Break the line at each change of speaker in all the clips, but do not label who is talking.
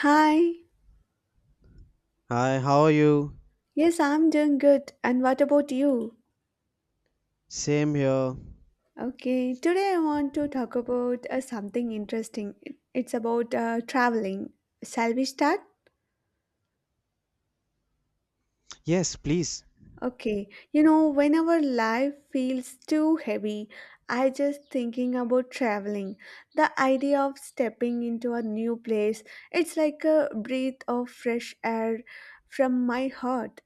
Hi.
Hi, how are you?
Yes, I'm doing good. And what about you?
Same here.
Okay, today I want to talk about something interesting. It's about traveling. Shall we start?
Yes, please.
Okay. You know, whenever life feels too heavy, I just thinking about traveling. The idea of stepping into a new place, it's like a breath of fresh air from my heart.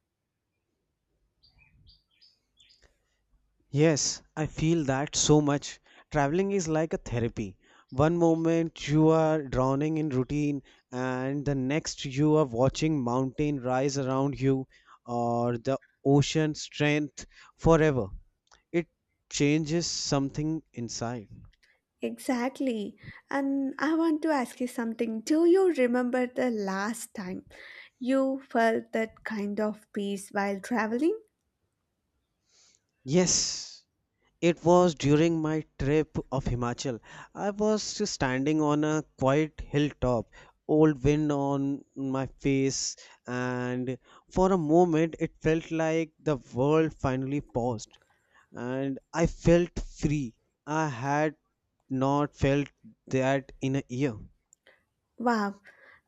Yes, I feel that so much. Traveling is like a therapy. One moment you are drowning in routine, and the next you are watching mountain rise around you or the ocean strength forever. It changes something inside.
Exactly. And I want to ask you something. Do you remember the last time you felt that kind of peace while traveling?
Yes, it was during my trip of Himachal. I was standing on a quiet hilltop, old wind on my face, and for a moment it felt like the world finally paused and I felt free. I had not felt that in a year.
Wow,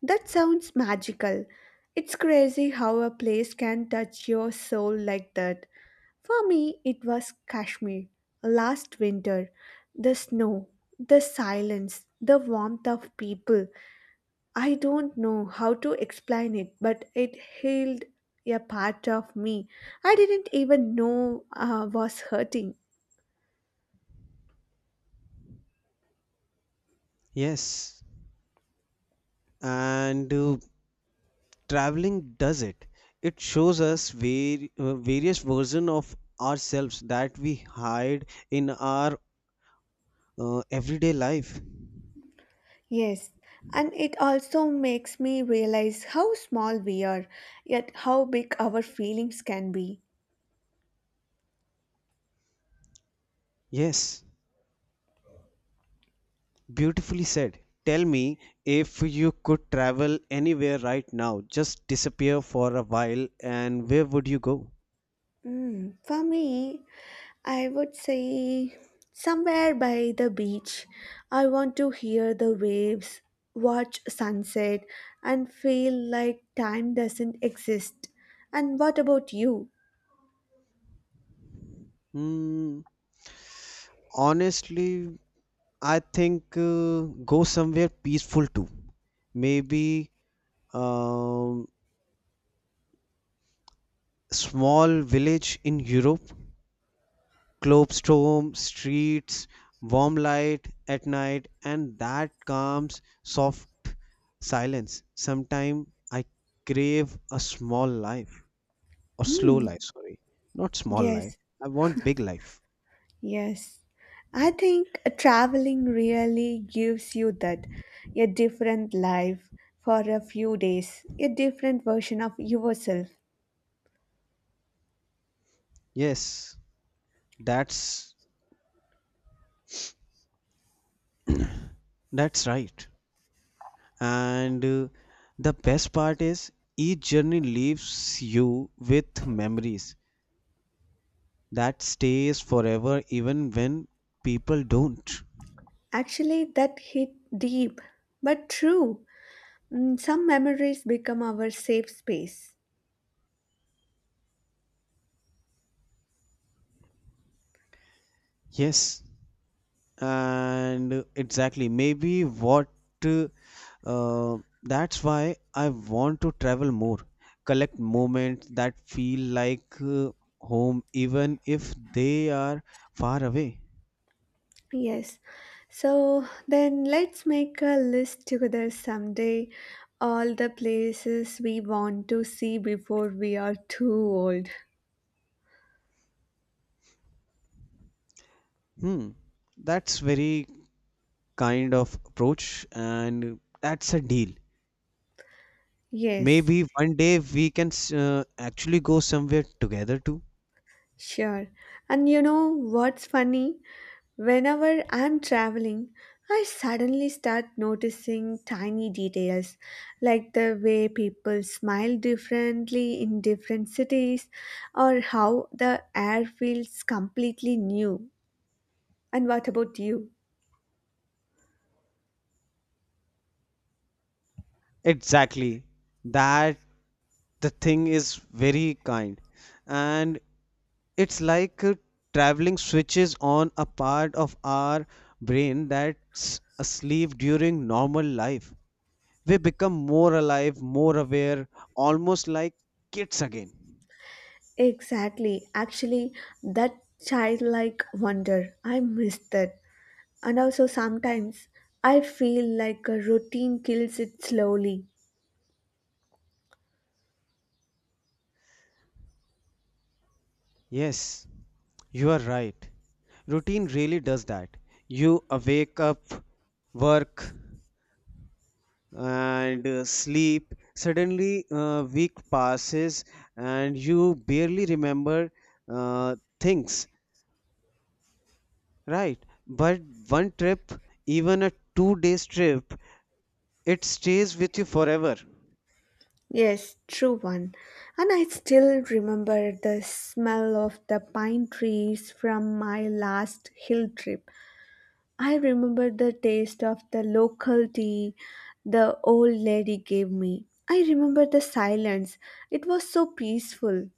that sounds magical. It's crazy how a place can touch your soul like that. For me, it was Kashmir last winter. The snow, the silence, the warmth of people. I don't know how to explain it, but it healed a part of me I didn't even know was hurting.
Yes, and traveling does it. It shows us various versions of ourselves that we hide in our everyday life.
Yes, and it also makes me realize how small we are, yet how big our feelings can be.
Yes, beautifully said. Tell me, if you could travel anywhere right now, just disappear for a while, and where would you go?
Mm, for me, I would say somewhere by the beach. I want to hear the waves, watch sunset, and feel like time doesn't exist. And what about you?
Hmm, honestly, I think go somewhere peaceful too. Maybe um, small village in Europe, Klopstock streets, warm light at night, and that calm, soft silence. Sometimes I crave a small life, or slow
Hmm.
life, sorry. Not small life.
Yes,
I want big life.
yes. I think traveling really gives you that a different life for a few days, a different version of yourself.
Yes, that's that's right. And the best part is each journey leaves you with memories that stays forever even when people don't.
Actually, that hit deep, but true. Mm, some memories become our safe space.
Yes, and exactly maybe what, uh, that's why I want to travel more, collect moments that feel like, home even if they are far away.
Yes. So then let's make a list together someday. All the places we want to see before we are too old.
Hmm, that's very kind of approach, and that's a deal.
Yes.
Maybe one day we can actually go somewhere together too.
Sure. And you know what's funny? Whenever I'm traveling, I suddenly start noticing tiny details like the way people smile differently in different cities or how the air feels completely new. And what about you?
Exactly, that, the thing is very kind. And it's like traveling switches on a part of our brain that's asleep during normal life. We become more alive, more aware, almost like kids again.
Exactly. Actually, that childlike wonder, I miss that. And also, sometimes I feel like a routine kills it slowly.
Yes, you are right. Routine really does that. You awake up, work, and sleep. Suddenly, a week passes, and you barely remember, uh, things. Right. But one trip, even a two days trip, it stays with you forever.
Yes, true one. And I still remember the smell of the pine trees from my last hill trip. I remember the taste of the local tea the old lady gave me. I remember the silence. It was so peaceful.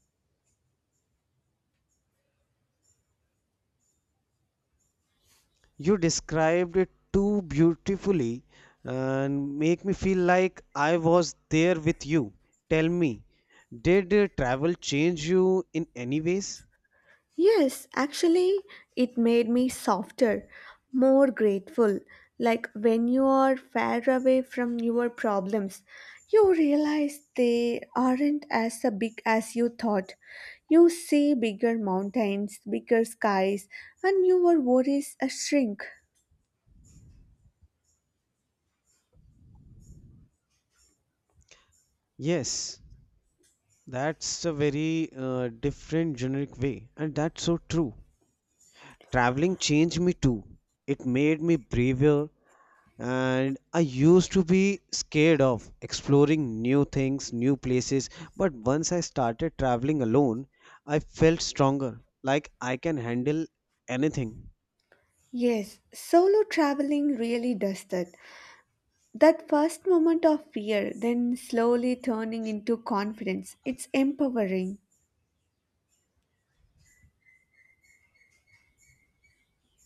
You described it too beautifully and make me feel like I was there with you. Tell me, did travel change you in any ways?
Yes, actually, it made me softer, more grateful. Like when you are far away from your problems, you realize they aren't as a big as you thought. You see bigger mountains, bigger skies, and your worries a shrink.
Yes, that's a very different generic way, and that's so true. Traveling changed me too. It made me braver, and I used to be scared of exploring new things, new places. But once I started traveling alone, I felt stronger, like I can handle anything.
Yes, solo traveling really does that. That first moment of fear, then slowly turning into confidence, it's empowering.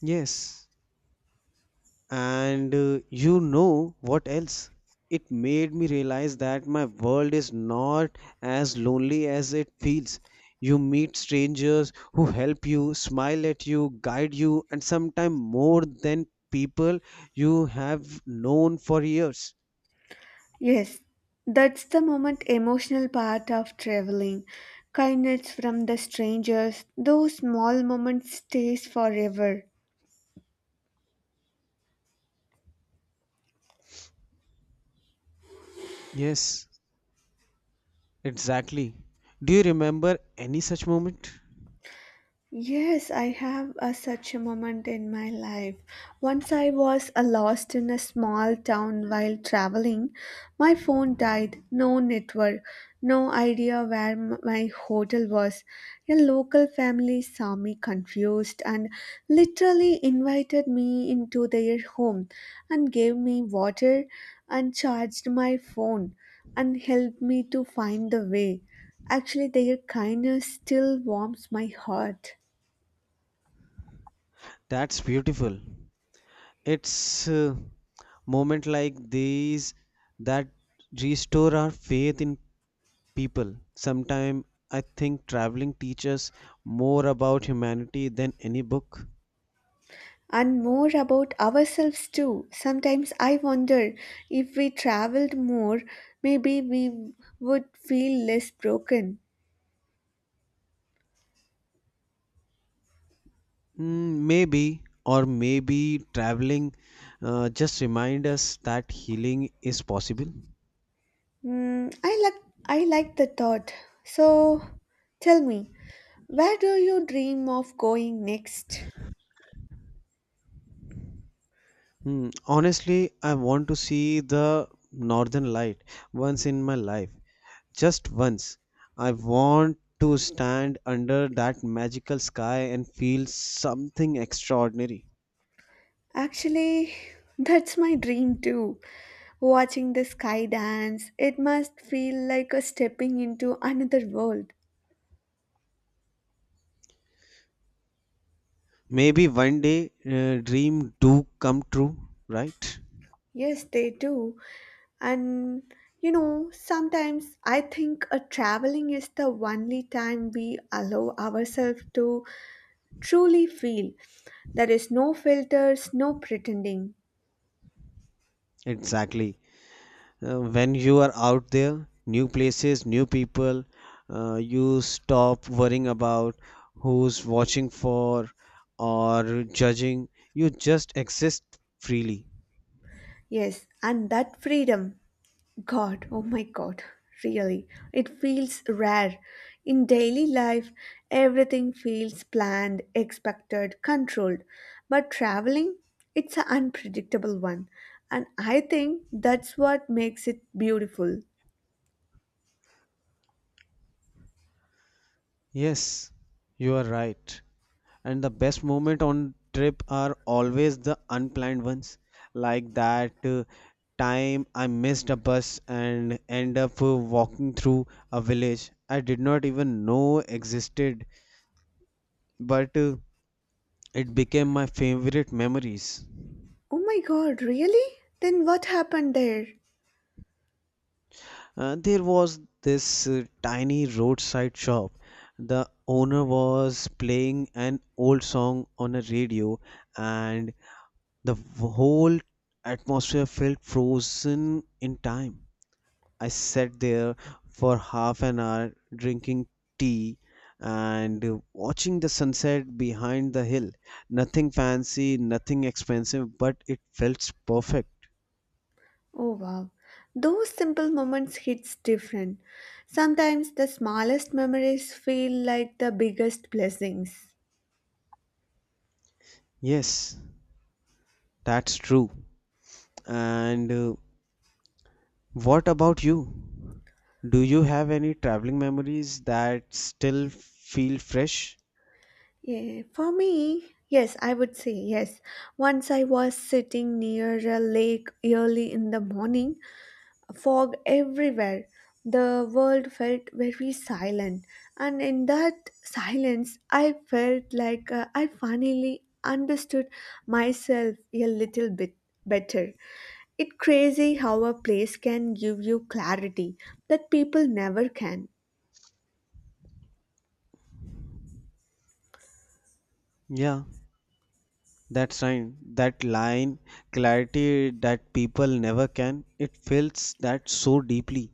Yes. And you know what else? It made me realize that my world is not as lonely as it feels. You meet strangers who help you, smile at you, guide you, and sometimes more than people you have known for years.
Yes, that's the moment emotional part of traveling. Kindness from the strangers, those small moments stays forever.
Yes, exactly. Do you remember any such moment?
Yes, I have a, such a moment in my life. Once I was lost in a small town while traveling. My phone died, no network, no idea where my hotel was. A local family saw me confused and literally invited me into their home and gave me water and charged my phone and helped me to find the way. Actually, their kindness still warms my heart.
That's beautiful. It's moment like these that restore our faith in people. Sometimes I think traveling teaches more about humanity than any book.
And more about ourselves too. Sometimes I wonder if we traveled more, maybe we would feel less broken.
Mm, maybe, or maybe traveling just remind us that healing is possible.
Mm, I like the thought. So tell me, where do you dream of going next?
Hmm, honestly, I want to see the northern light once in my life, just once. I want to stand under that magical sky and feel something extraordinary.
Actually, that's my dream too. Watching the sky dance, it must feel like a stepping into another world.
Maybe one day dream do come true, right?
Yes, they do. And you know, sometimes I think a traveling is the only time we allow ourselves to truly feel. There is no filters, no pretending.
Exactly. When you are out there, new places, new people, you stop worrying about who's watching for or judging. You just exist freely.
Yes, and that freedom, God, oh my God, really, it feels rare. In daily life, everything feels planned, expected, controlled. But traveling, it's an unpredictable one. And I think that's what makes it beautiful.
Yes, you are right. And the best moment on trip are always the unplanned ones, like that time I missed a bus and end up walking through a village I did not even know existed, but it became my favorite memories.
Oh my god, really? Then what happened there?
There was this tiny roadside shop. The owner was playing an old song on a radio, and the whole atmosphere felt frozen in time. I sat there for half an hour drinking tea and watching the sunset behind the hill. Nothing fancy, nothing expensive, but it felt perfect.
Oh wow. Those simple moments hits different. Sometimes the smallest memories feel like the biggest blessings.
Yes, that's true. And what about you? Do you have any traveling memories that still feel fresh?
Yeah, for me, yes, I would say yes. Once I was sitting near a lake early in the morning fog everywhere. The world felt very silent, and in that silence, I felt like I finally understood myself a little bit better. It's crazy how a place can give you clarity that people never can.
Yeah. That's right. That line, clarity that people never can, it feels that so deeply.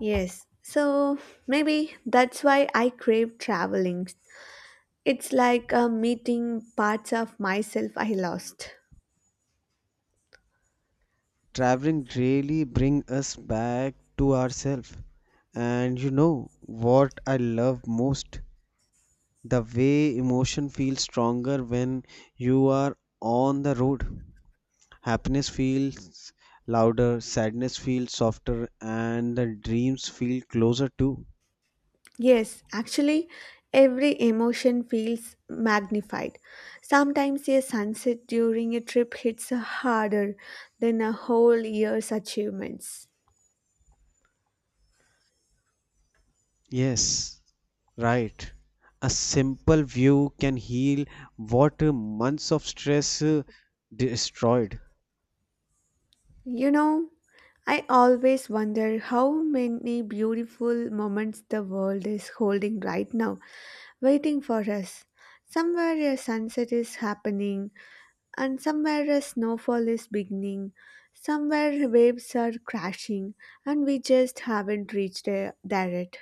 Yes, so maybe that's why I crave traveling. It's like meeting parts of myself I lost.
Traveling really bring us back to ourselves. And you know what I love most? The way emotion feels stronger when you are on the road. Happiness feels louder, sadness feels softer, and the dreams feel closer too.
Yes, actually, every emotion feels magnified. Sometimes a sunset during a trip hits harder than a whole year's achievements.
Yes, right. A simple view can heal what, months of stress, destroyed.
You know, I always wonder how many beautiful moments the world is holding right now, waiting for us. Somewhere a sunset is happening, and somewhere a snowfall is beginning, somewhere waves are crashing, and we just haven't reached there yet.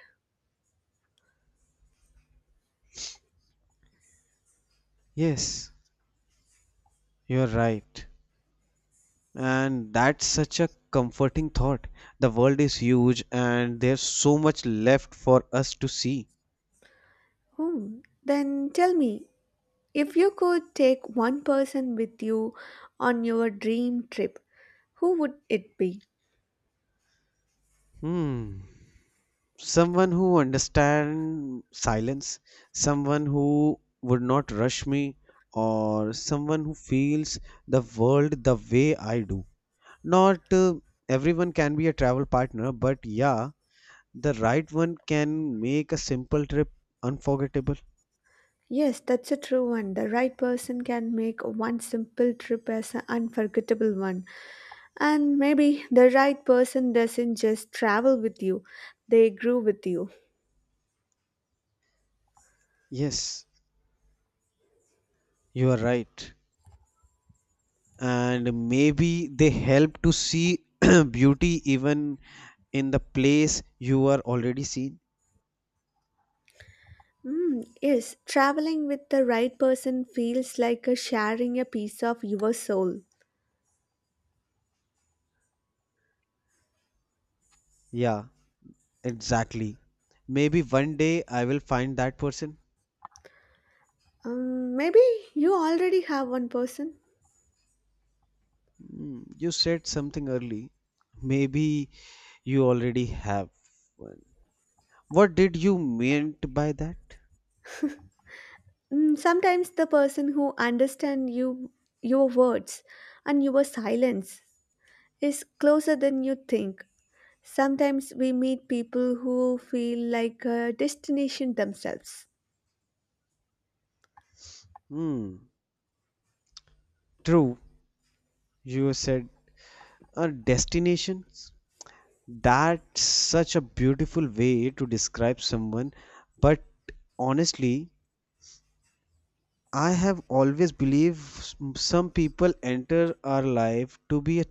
Yes, you're right. And that's such a comforting thought. The world is huge and there's so much left for us to see.
Hmm. Then tell me, if you could take one person with you on your dream trip, who would it be?
Hmm. Someone who understands silence, someone who would not rush me, or someone who feels the world the way I do. Not everyone can be a travel partner, but yeah, the right one can make a simple trip unforgettable.
Yes, that's a true one. The right person can make one simple trip as an unforgettable one. And maybe the right person doesn't just travel with you, they grew with you.
Yes, you are right. And maybe they help to see beauty even in the place you are already seen.
Mm, yes, traveling with the right person feels like a sharing a piece of your soul.
Yeah, exactly. Maybe one day I will find that person.
Maybe you already have one person.
Hmm, you said something early. Maybe you already have one. What did you meant by that?
Mm, sometimes the person who understands you, your words, and your silence is closer than you think. Sometimes we meet people who feel like a destination themselves.
Hmm. True, you said destinations. That's such a beautiful way to describe someone. But honestly, I have always believed some people enter our life to be a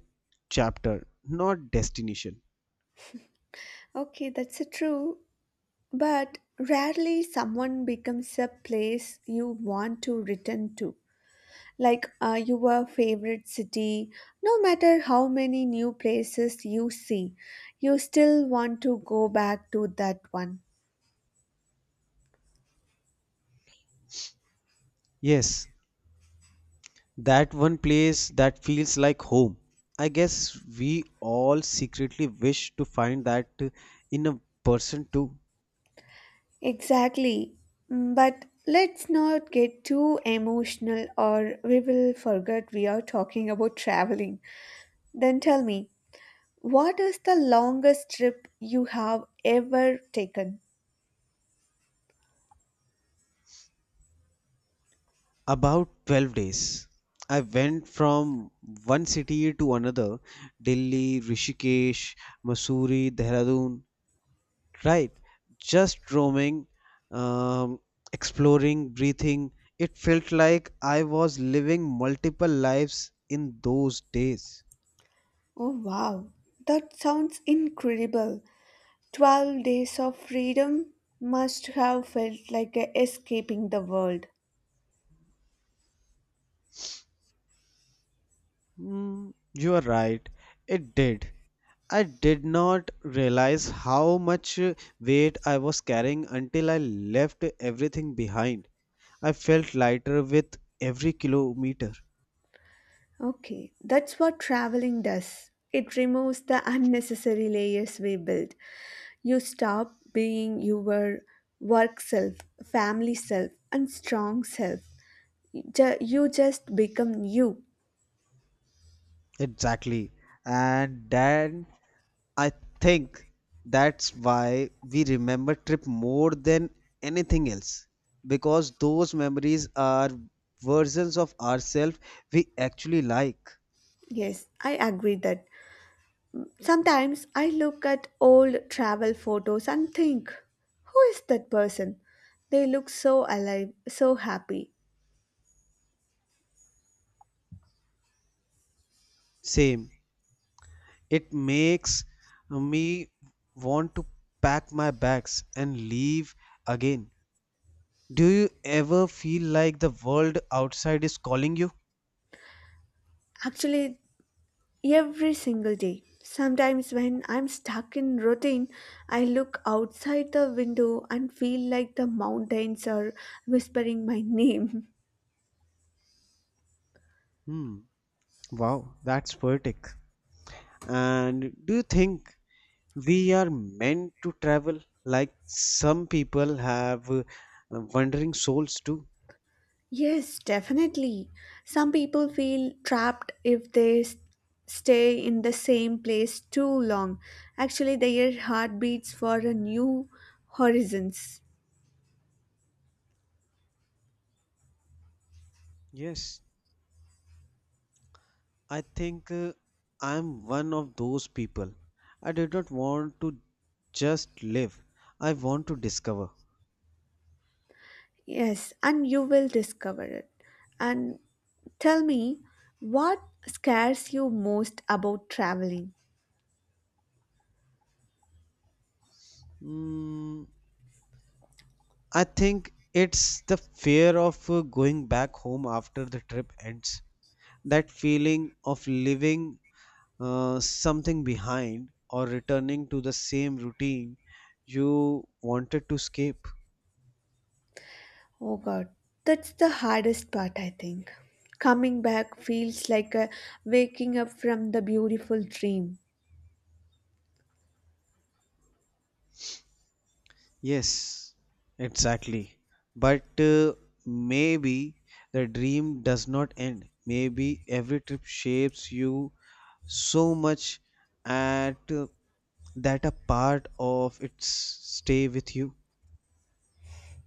chapter, not destination.
Okay, that's true. But rarely someone becomes a place you want to return to, like your favorite city no matter how many new places you see, you still want to go back to that one.
Yes, that one place that feels like home. I guess we all secretly wish to find that, in a person too.
Exactly. Mm, but let's not get too emotional or we will forget we are talking about traveling. Then tell me, what is the longest trip you have ever taken?
About 12 days. I went from one city to another: Delhi, Rishikesh, Mussoorie, Dehradun, right? Just roaming, um, exploring, breathing. It felt like I was living multiple lives in those days.
Oh wow, that sounds incredible. 12 days of freedom must have felt like a escaping the world.
Mm, you are right. It did. I did not realize how much weight I was carrying until I left everything behind. I felt lighter with every kilometer.
Okay, that's what traveling does. It removes the unnecessary layers we build. You stop being your work self, family self, and strong self. You just become you.
Exactly. And then I think that's why we remember trip more than anything else, because those memories are versions of ourselves we actually like.
Yes, I agree that. Sometimes I look at old travel photos and think, who is that person? They look so alive, so happy.
Same. It makes me want to pack my bags and leave again. Do you ever feel like the world outside is calling you?
Actually, every single day. Sometimes when I'm stuck in routine, I look outside the window and feel like the mountains are whispering my name.
Hmm. Wow, that's poetic. And do you think we are meant to travel, like some people have wandering souls too?
Yes, definitely. Some people feel trapped if they stay in the same place too long. Actually, their heart beats for a new horizons.
Yes, I think I'm one of those people. I did not want to just live, I want to discover.
Yes, and you will discover it. And tell me, what scares you most about traveling?
Mm, I think it's the fear of going back home after the trip ends. That feeling of leaving something behind or returning to the same routine you wanted to escape.
Oh God, that's the hardest part, I think. Coming back feels like a waking up from the beautiful dream.
Yes, exactly. But maybe the dream does not end. Maybe every trip shapes you so much at that a part of its stay with you.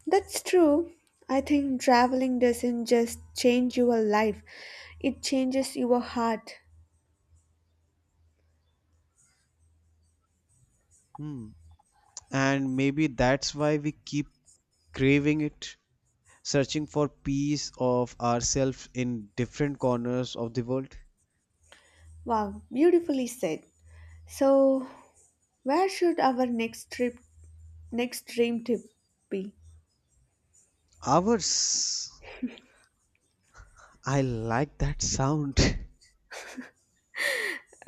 That's true. I think traveling doesn't just change your life, it changes your heart.
Hmm. And maybe that's why we keep craving it, searching for peace of ourselves in different corners of the world.
Wow, beautifully said. So, where should our next trip, next dream trip be?
Ours. I like that sound.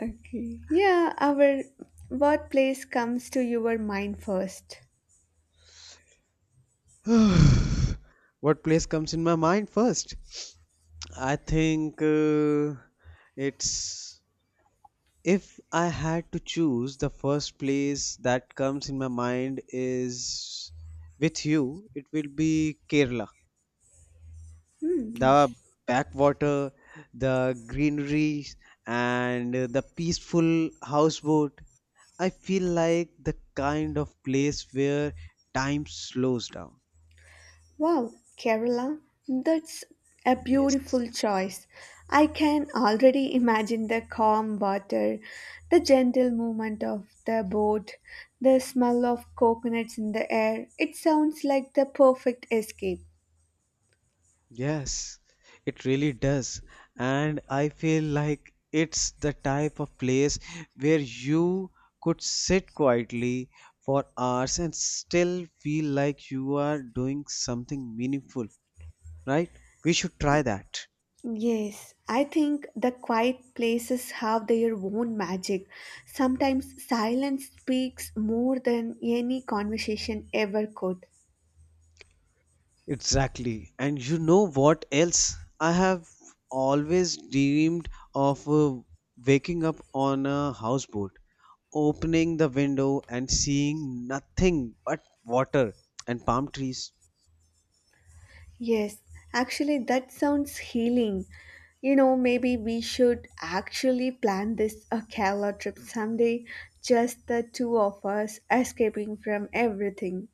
Okay. Yeah, our what place comes to your mind first?
What place comes in my mind first? I think it's, if I had to choose, the first place that comes in my mind is with you, it will be Kerala.
Hmm,
The
nice.
backwater, the greenery, and the peaceful houseboat. I feel like the kind of place where time slows down.
Wow, Kerala. That's a
Yes.
beautiful choice. I can already imagine the calm water, the gentle movement of the boat, the smell of coconuts in the air. It sounds like the perfect escape.
Yes, it really does. And I feel like it's the type of place where you could sit quietly for hours and still feel like you are doing something meaningful, right? We should try that.
Yes, I think the quiet places have their own magic. Sometimes silence speaks more than any conversation ever could.
Exactly. And you know what else? I have always dreamed of waking up on a houseboat, opening the window and seeing nothing but water and palm trees.
Yes, actually, that sounds healing. You know, maybe we should actually plan this a Kerala trip someday, just the two of us escaping from everything.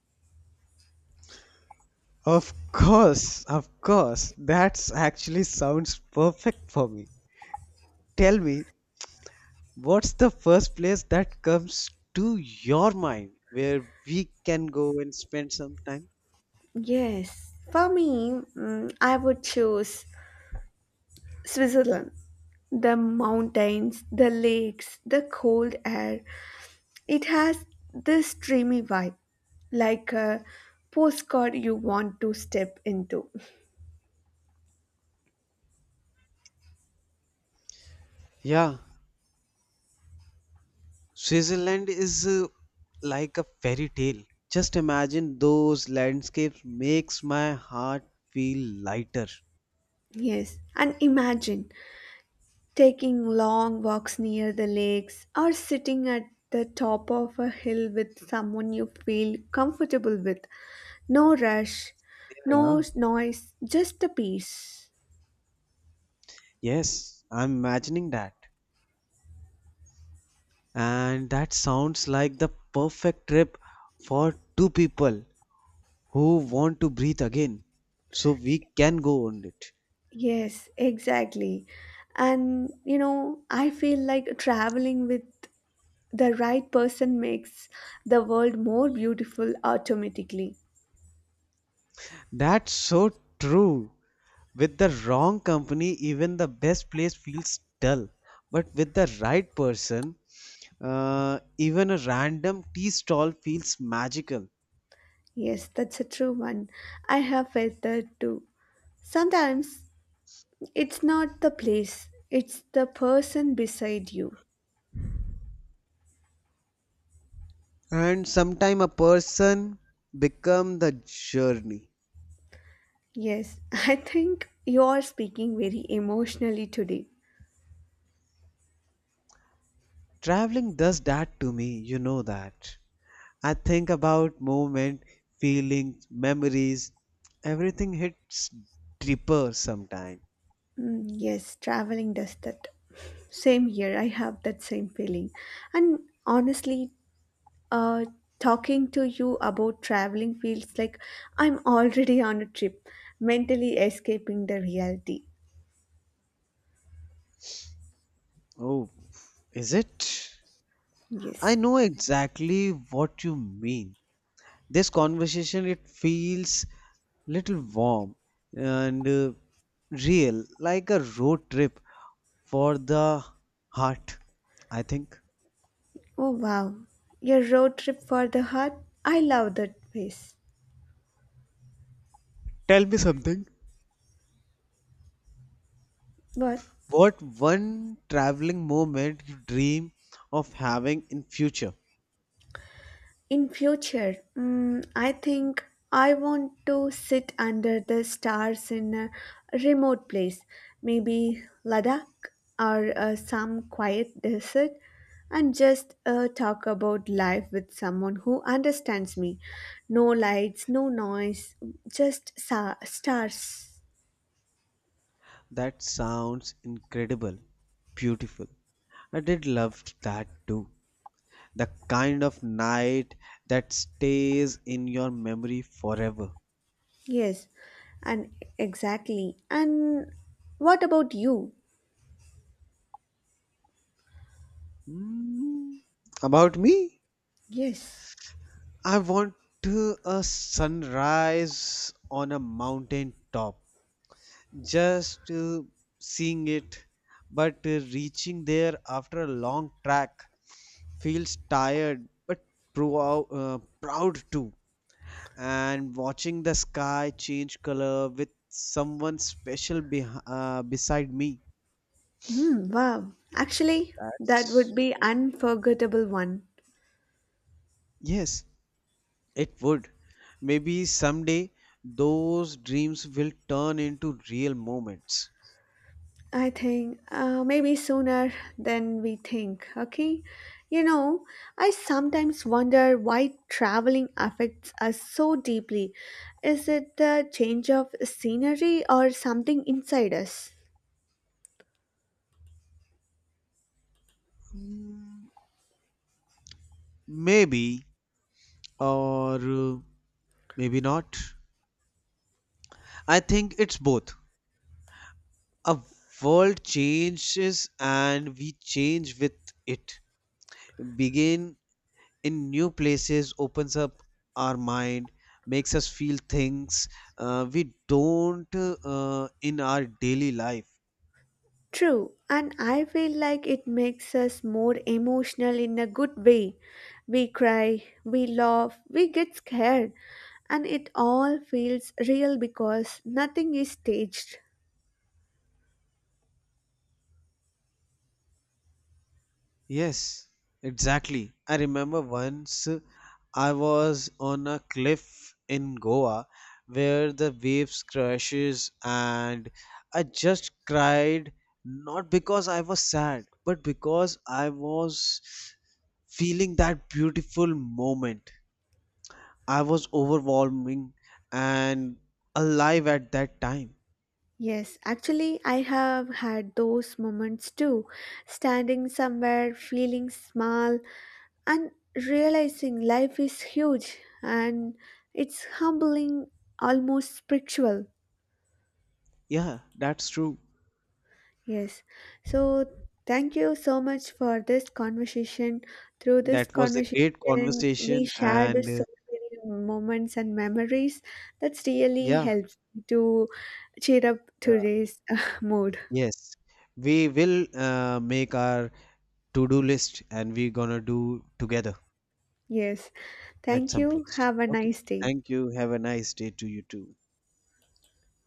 Of course, of course. That's actually sounds perfect for me. Tell me, what's the first place that comes to your mind where we can go and spend some time?
Yes, for me, mm, I would choose Switzerland. The mountains, the lakes, the cold air. It has this dreamy vibe, like a postcard you want to step into.
Yeah, Switzerland is like a fairy tale. Just imagine those landscapes makes my heart feel lighter.
Yes, and imagine taking long walks near the lakes or sitting at the top of a hill with someone you feel comfortable with. No rush, no
Yeah.
noise, just the peace.
Yes, I'm imagining that. And that sounds like the perfect trip for two people who want to breathe again. So we can go on it.
Yes, exactly. And you know, I feel like traveling with the right person makes the world more beautiful automatically.
That's so true. With the wrong company, even the best place feels dull. But with the right person, even a random tea stall feels magical.
Yes, that's a true one. I have felt that too. Sometimes it's not the place, it's the person beside you.
And sometime a person become the journey.
Yes, I think you are speaking very emotionally today.
Traveling does that to me, you know that. I think about movement, feelings, memories. Everything hits deeper sometime.
Mm, yes, traveling does that. Same here, I have that same feeling. And honestly, uh, talking to you about traveling feels like I'm already on a trip, mentally escaping the reality.
Oh, is it? I
Yes.
know exactly what you mean. This conversation, it feels little warm and real, like a road trip for the heart, I think.
Oh, wow. Your road trip for the heart? I love that place.
Tell me something,
What?
what one traveling moment you dream of having in future?
In future, mm, I think I want to sit under the stars in a remote place, maybe Ladakh or some quiet desert, and just talk about life with someone who understands me. No lights, no noise, just stars.
That sounds incredible, beautiful. I did love that too, the kind of night that stays in your memory forever.
Yes, and exactly. And what about you?
Hmm, about me,
Yes.
I want to a sunrise on a mountain top, just seeing it, but reaching there after a long track feels tired but proud too. And watching the sky change color with someone special beh beside me.
Hmm, wow. Actually, that
That's
would be
very good.
unforgettable one.
Yes, it would. Maybe someday those dreams will turn into real moments.
I think maybe sooner than we think, okay? You know, I sometimes wonder why traveling affects us so deeply. Is it the change of scenery or something inside us?
Mm, maybe, or maybe not. I think it's both. A world changes and we change with it. Begin in new places opens up our mind, makes us feel things, we don't, in our daily life.
True, and I feel like it makes us more emotional in a good way. We cry, we laugh, we get scared, and it all feels real because nothing is staged.
Yes, exactly. I remember once I was on a cliff in Goa where the waves crashes and I just cried, not because I was sad but because I was feeling that beautiful moment. I was overwhelming and alive at that time.
Yes, actually, I have had those moments too. Standing somewhere, feeling small, and realizing life is huge and it's humbling, almost spiritual.
Yeah, that's true.
Yes. So thank you so much for this conversation. Through this
That was a great
conversation, we
conversation
shared
and,
so many moments and memories that's really
yeah.
helps me to cheer up today's mood.
Yes, we will make our to-do list and we're gonna do together
Yes.
at
Thank
some
you.
place.
Have a
Okay.
nice day.
Thank you. Have a nice day to you too.